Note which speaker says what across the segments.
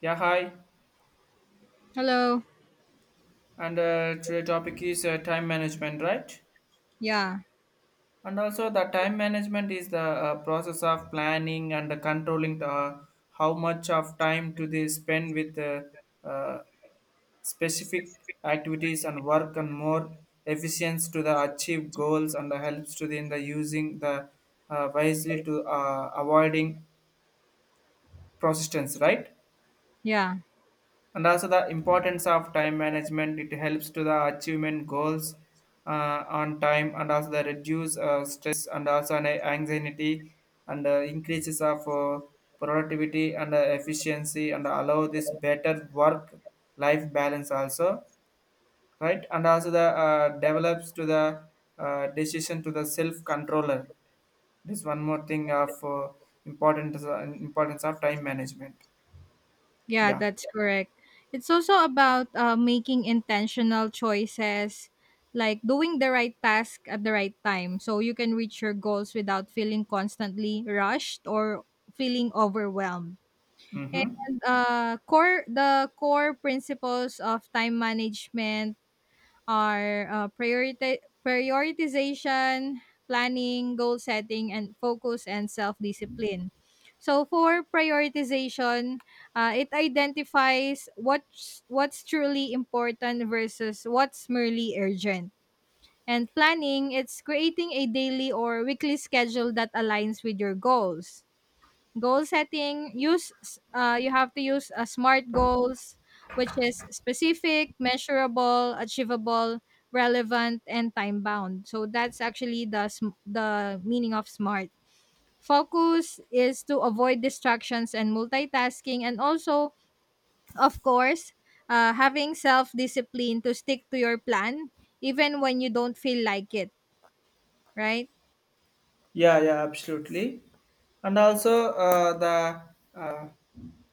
Speaker 1: Yeah, hi.
Speaker 2: Hello.
Speaker 1: And today topic is time management, right?
Speaker 2: Yeah.
Speaker 1: And also the time management is the process of planning and controlling how much of time to they spend with uh, specific activities and work and more efficiency to the achieve goals and the helps to the in the using the wisely to avoiding persistence, right?
Speaker 2: Yeah.
Speaker 1: And also the importance of time management, it helps to the achievement goals on time and also the reduce stress and also an anxiety and increases of productivity and efficiency and allow this better work life balance also, right? And also the develops to the decision to the self controller, this one more thing of importance, importance of time management.
Speaker 2: Yeah,
Speaker 1: Yeah.
Speaker 2: that's correct. It's also about making intentional choices, like doing the right task at the right time so you can reach your goals without feeling constantly rushed or feeling overwhelmed.
Speaker 1: Mm-hmm.
Speaker 2: And core the core principles of time management are, priorita prioritization, planning, goal setting, and focus and self-discipline. So for prioritization, it identifies what's truly important versus what's merely urgent. And planning, it's creating a daily or weekly schedule that aligns with your goals. Goal setting, you have to use smart goals, which is specific, measurable, achievable, relevant, and time bound, so that's actually the meaning of smart. Focus is to avoid distractions and multitasking, and also, of course, having self discipline to stick to your plan even when you don't feel like it, right?
Speaker 1: Yeah, yeah, absolutely. And also uh, the uh,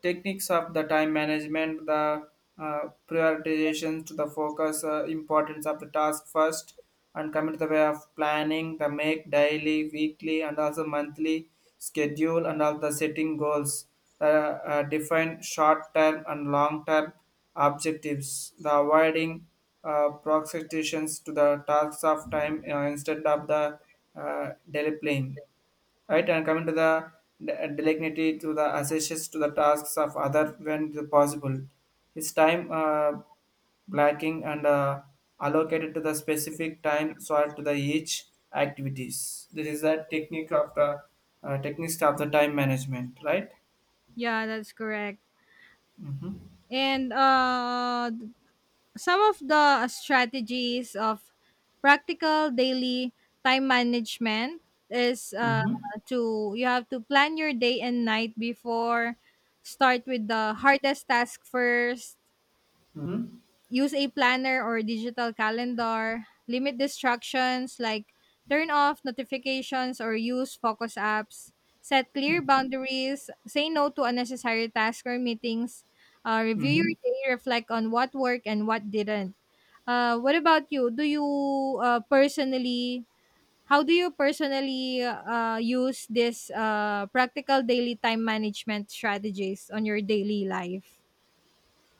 Speaker 1: techniques of the time management, the prioritization to the focus, importance of the task first, and commit the way of planning, the make daily, weekly and also monthly schedule, and also the setting goals, the define short term and long term objectives, the avoiding proxestations to the tasks of time instead of the delay, right? And coming to the delegated to the associates to the tasks of other when the possible, his time blacking and allocated to the specific time slot to the each activities, this is the technique of the techniques of the time management, right?
Speaker 2: Yeah, that's correct.
Speaker 1: Mm-hmm.
Speaker 2: And some of the strategies of practical daily time management is,
Speaker 1: Mm-hmm.
Speaker 2: to you have to plan your day and night before. Start with the hardest task first,
Speaker 1: Mm-hmm.
Speaker 2: use a planner or digital calendar, limit distractions like turn off notifications or use focus apps, set clear boundaries, say no to unnecessary tasks or meetings, review
Speaker 1: Mm-hmm.
Speaker 2: your day, reflect on what worked and what didn't. What about you? Do you, personally How do you personally, use this, practical daily time management strategies on your daily life?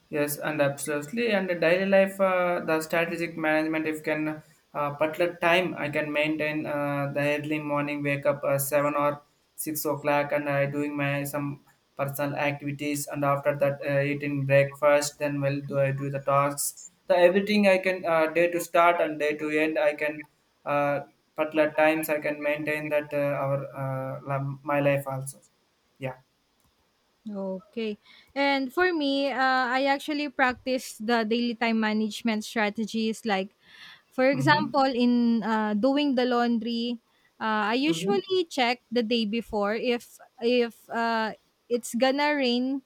Speaker 1: Yes, and absolutely. And the daily life, the strategic management, if can particular time, I can maintain the early morning wake up 7 or 6 o'clock, and I doing my some personal activities, and after that eating breakfast, then will do I do the tasks. The everything I can day to start and day to end, I can uh, particular times I can maintain that our my life also. Yeah.
Speaker 2: Okay. And for me, I actually practice the daily time management strategies. Like, for
Speaker 1: Mm-hmm.
Speaker 2: example, in doing the laundry, I
Speaker 1: Mm-hmm.
Speaker 2: usually check the day before if it's gonna rain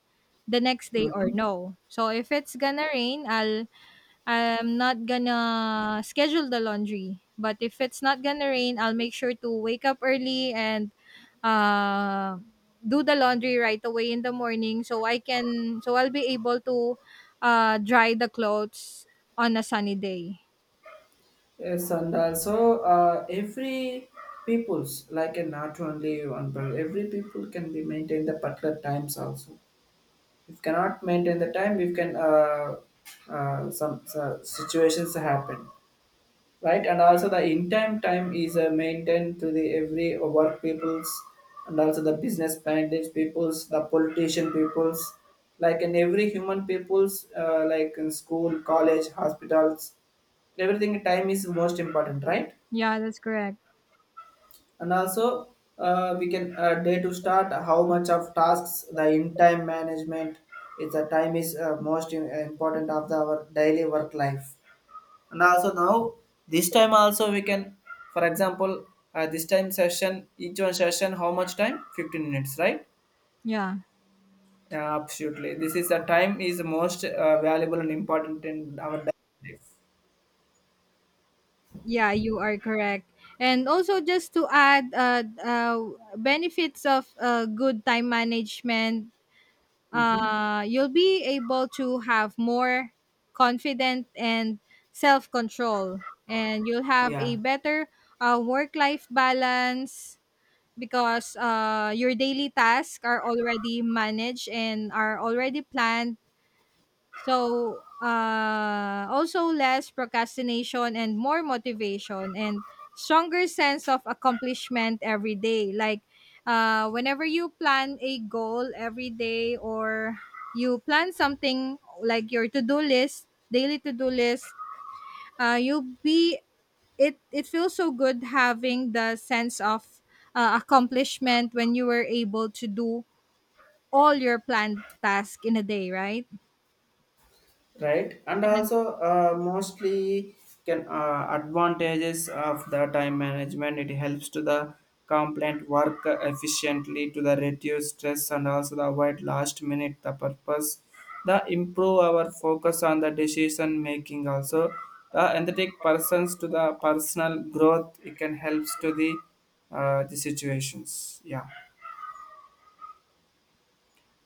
Speaker 2: the next day or
Speaker 1: Mm-hmm.
Speaker 2: no. So if it's gonna rain, I'm not gonna schedule the laundry, but if it's not gonna rain, I'll make sure to wake up early and uh, do the laundry right away in the morning, so I'll be able to dry the clothes on a sunny day.
Speaker 1: Yes, and also every people's like a not only one, but every people can be maintained the particular times also. If cannot maintain the time, we can some situations happen, right? And also the in time is maintained to the every work peoples and also the business bandits peoples, the politician peoples, like in every human peoples, like in school, college, hospitals, everything time is most important, right?
Speaker 2: Yeah, that's correct.
Speaker 1: And also we can day to start how much of tasks, the in time management is the time is most important of the, our daily work life. And also now this time also we can, for example, this time session, each one session how much time, 15 minutes, right?
Speaker 2: Yeah.
Speaker 1: Yeah, absolutely, this is the time is most valuable and important in our daily life.
Speaker 2: Yeah, you are correct. And also, just to add, benefits of good time management,
Speaker 1: Mhm.
Speaker 2: you'll be able to have more confident and self control, and you'll have a
Speaker 1: Yeah.
Speaker 2: better work life balance because your daily tasks are already managed and are already planned. So, also less procrastination and more motivation and stronger sense of accomplishment every day. Like, whenever you plan a goal every day or you plan something like your to-do list, daily to-do list, you'll be it. It feels so good having the sense of accomplishment when you were able to do all your planned task in a day, right?
Speaker 1: Right, and
Speaker 2: And
Speaker 1: also mostly can advantages of the time management, it helps to the complaint work efficiently to the reduce stress and also the avoid last minute the purpose, the improve our focus on the decision making also, the empathetic persons to the personal growth, it can helps to the situations. Yeah.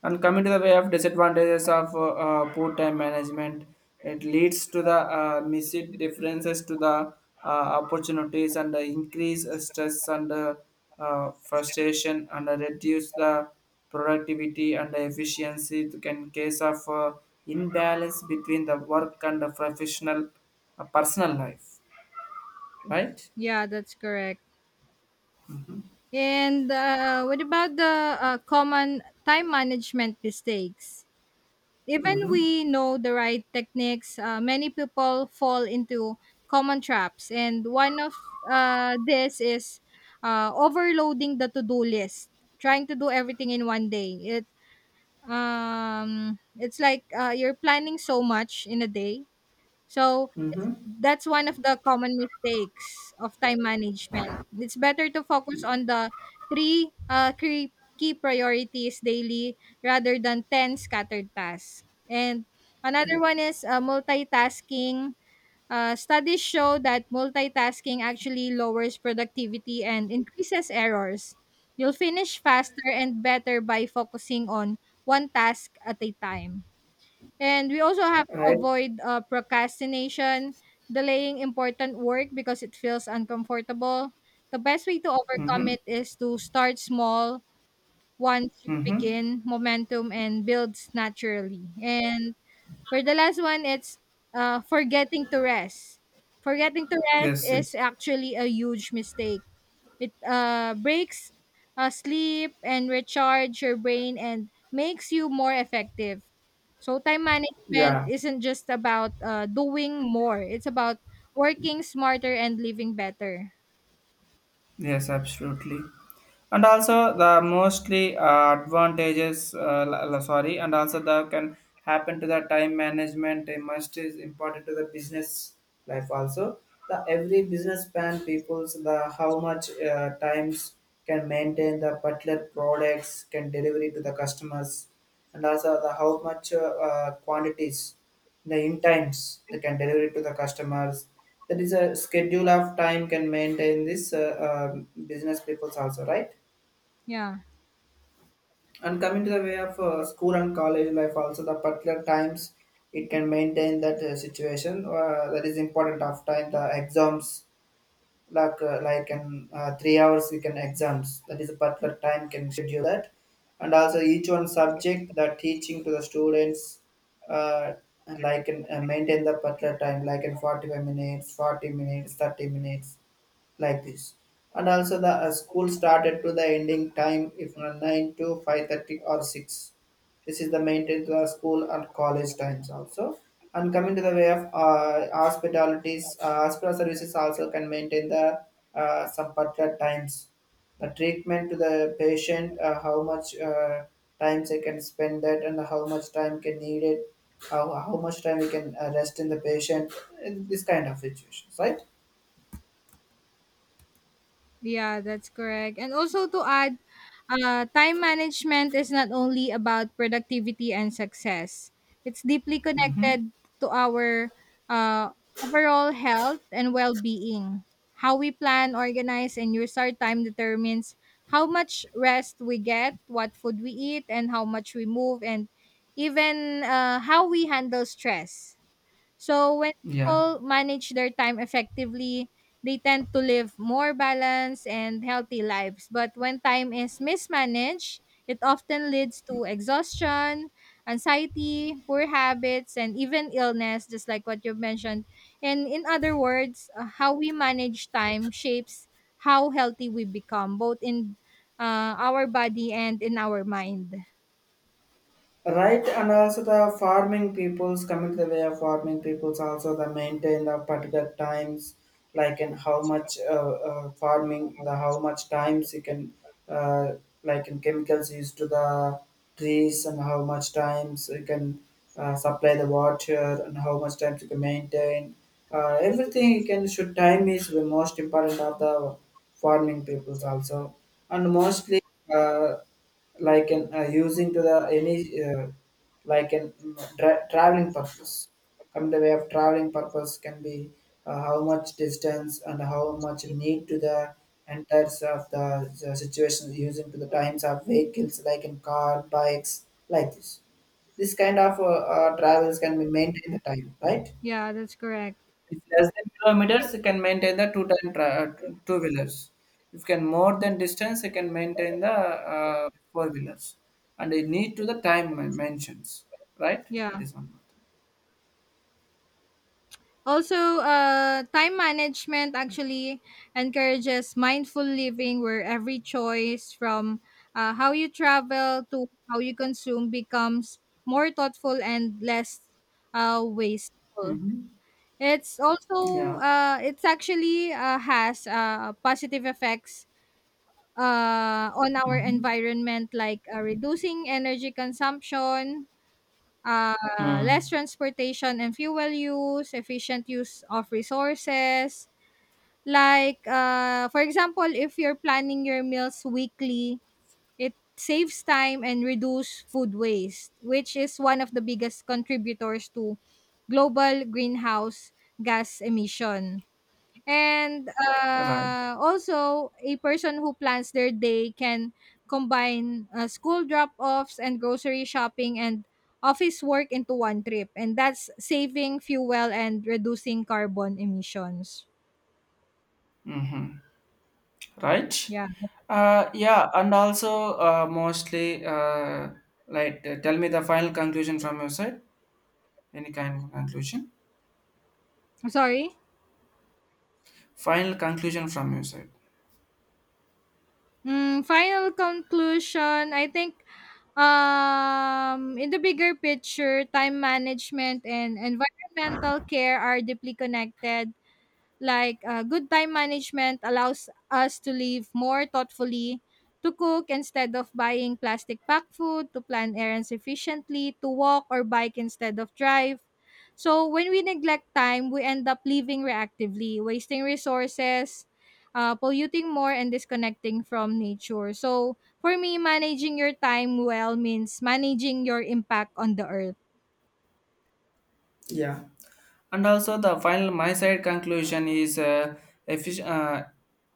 Speaker 1: And coming to the way of disadvantages of poor time management, it leads to the missed differences to the opportunities and the increase of stress and frustration and reduce the productivity and the efficiency to- in case of imbalance between the work and the professional personal life, right?
Speaker 2: yeah, that's correct. And What about the common time management mistakes? Even
Speaker 1: Mm-hmm.
Speaker 2: we know the right techniques, many people fall into common traps. And one of this is overloading the to-do list, trying to do everything in one day. It's like you're planning so much in a day. So
Speaker 1: Mm-hmm.
Speaker 2: that's one of the common mistakes of time management. It's better to focus on the three key priorities daily rather than ten scattered tasks. And another one is multitasking. Studies show that multitasking actually lowers productivity and increases errors. You'll finish faster and better by focusing on one task at a time. And we also have to
Speaker 1: Right.
Speaker 2: avoid procrastination, delaying important work because it feels uncomfortable. The best way to overcome
Speaker 1: Mm-hmm.
Speaker 2: it is to start small; once you
Speaker 1: Mm-hmm.
Speaker 2: begin, momentum and builds naturally. And for the last one, it's forgetting to rest. Forgetting to rest
Speaker 1: Yes,
Speaker 2: is
Speaker 1: yes.
Speaker 2: actually a huge mistake. It breaks sleep and recharge your brain and makes you more effective. So time management
Speaker 1: Yeah.
Speaker 2: isn't just about doing more; it's about working smarter and living better.
Speaker 1: Yes, absolutely. And also the mostly advantages, sorry, and also the can happen to the time management. It must is important to the business life also. The every business plan people's the how much times can maintain the particular products can delivery to the customers, and also the how much quantities the in times they can deliver it to the customers, that is a schedule of time can maintain this business peoples also, right?
Speaker 2: Yeah.
Speaker 1: And coming to the way of school and college life also, the particular times it can maintain that situation, that is important of time, the exams, like in 3 hours we can exams, that is a particular time can schedule that. And also each one subject that teaching to the students, uh, like in maintain the particular time like in 45 minutes, 40 minutes, 30 minutes, like this. And also the school started to the ending time if not 9 to 5:30 or 6, this is the maintained the school and college times also. And coming to the way of hospitalities, hospital services also can maintain the some particular times, the treatment to the patient, how much times they can spend that, and how much time can need it, how much time we can rest in the patient, in this kind of situations, right?
Speaker 2: Yeah, that's correct. And also to add, time management is not only about productivity and success, it's deeply connected to our uh, overall health and well being. How we plan, organize, and use our time determines how much rest we get, what food we eat, and how much we move, and even how we handle stress. So when
Speaker 1: Yeah.
Speaker 2: people manage their time effectively, they tend to live more balanced and healthy lives. But when time is mismanaged, it often leads to exhaustion, anxiety, poor habits, and even illness, just like what you mentioned. And in other words, how we manage time shapes how healthy we become, both in our body and in our mind.
Speaker 1: Right, and also the farming peoples, coming to the way of farming peoples also the maintain the particular times, like in how much farming, the how much times you can, uh, like in chemicals used to the trees, and how much times you can supply the water, and how much times you can maintain. Everything you can should time is the most important of the farming peoples also, and mostly. Uh, like an using to the any uh, like an traveling purpose, come the way of traveling purpose can be how much distance and how much need to the enters of the situation using to the times of vehicles like in car, bikes, like this kind of travels can be maintained the time, right?
Speaker 2: Yeah, that's correct.
Speaker 1: If less than kilometers, you can maintain the two wheelers. If you can more than distance, you can maintain the four wheelers, and you need to the time mentions, right?
Speaker 2: Yeah.
Speaker 1: That is one more
Speaker 2: Also, time management actually encourages mindful living, where every choice, from how you travel to how you consume, becomes more thoughtful and less wasteful.
Speaker 1: thing.
Speaker 2: It's
Speaker 1: Hmm.
Speaker 2: also,
Speaker 1: Yeah.
Speaker 2: it's actually has positive effects on our
Speaker 1: Hmm.
Speaker 2: environment, like reducing energy consumption,
Speaker 1: Mm.
Speaker 2: less transportation and fuel use, efficient use of resources. Like, for example, if you're planning your meals weekly, it saves time and reduce food waste, which is one of the biggest contributors to global greenhouse gas emission. And,
Speaker 1: Right.
Speaker 2: also, a person who plans their day can combine, school drop-offs and grocery shopping and office work into one trip, and that's saving fuel and reducing carbon emissions.
Speaker 1: Mm-hmm. Right.
Speaker 2: Yeah.
Speaker 1: Yeah, and also mostly, like, tell me the final conclusion from your side. Any kind of conclusion?
Speaker 2: Sorry?
Speaker 1: Final conclusion from your side.
Speaker 2: Final conclusion, I think, in the bigger picture, time management and environmental care are deeply connected. Like, good time management allows us to live more thoughtfully, to cook instead of buying plastic packed food, to plan errands efficiently, to walk or bike instead of drive. So when we neglect time, we end up living reactively, wasting resources, polluting more, and disconnecting from nature. So for me, managing your time well means managing your impact on the earth.
Speaker 1: Yeah. And also the final my side conclusion is effic- uh,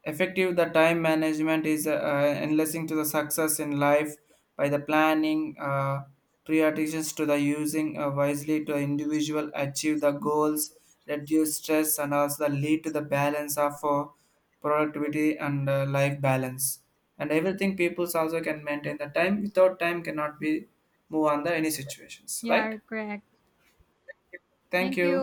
Speaker 1: effective the time management is enhancing to the success in life by the planning prioritizations to the using wisely to individual achieve the goals, reduce stress and also the lead to the balance of productivity and life balance, and everything peoples also can maintain the time, without time cannot be move on the any situations, right?
Speaker 2: Yeah, correct.
Speaker 1: Thank
Speaker 2: Thank you.
Speaker 1: you.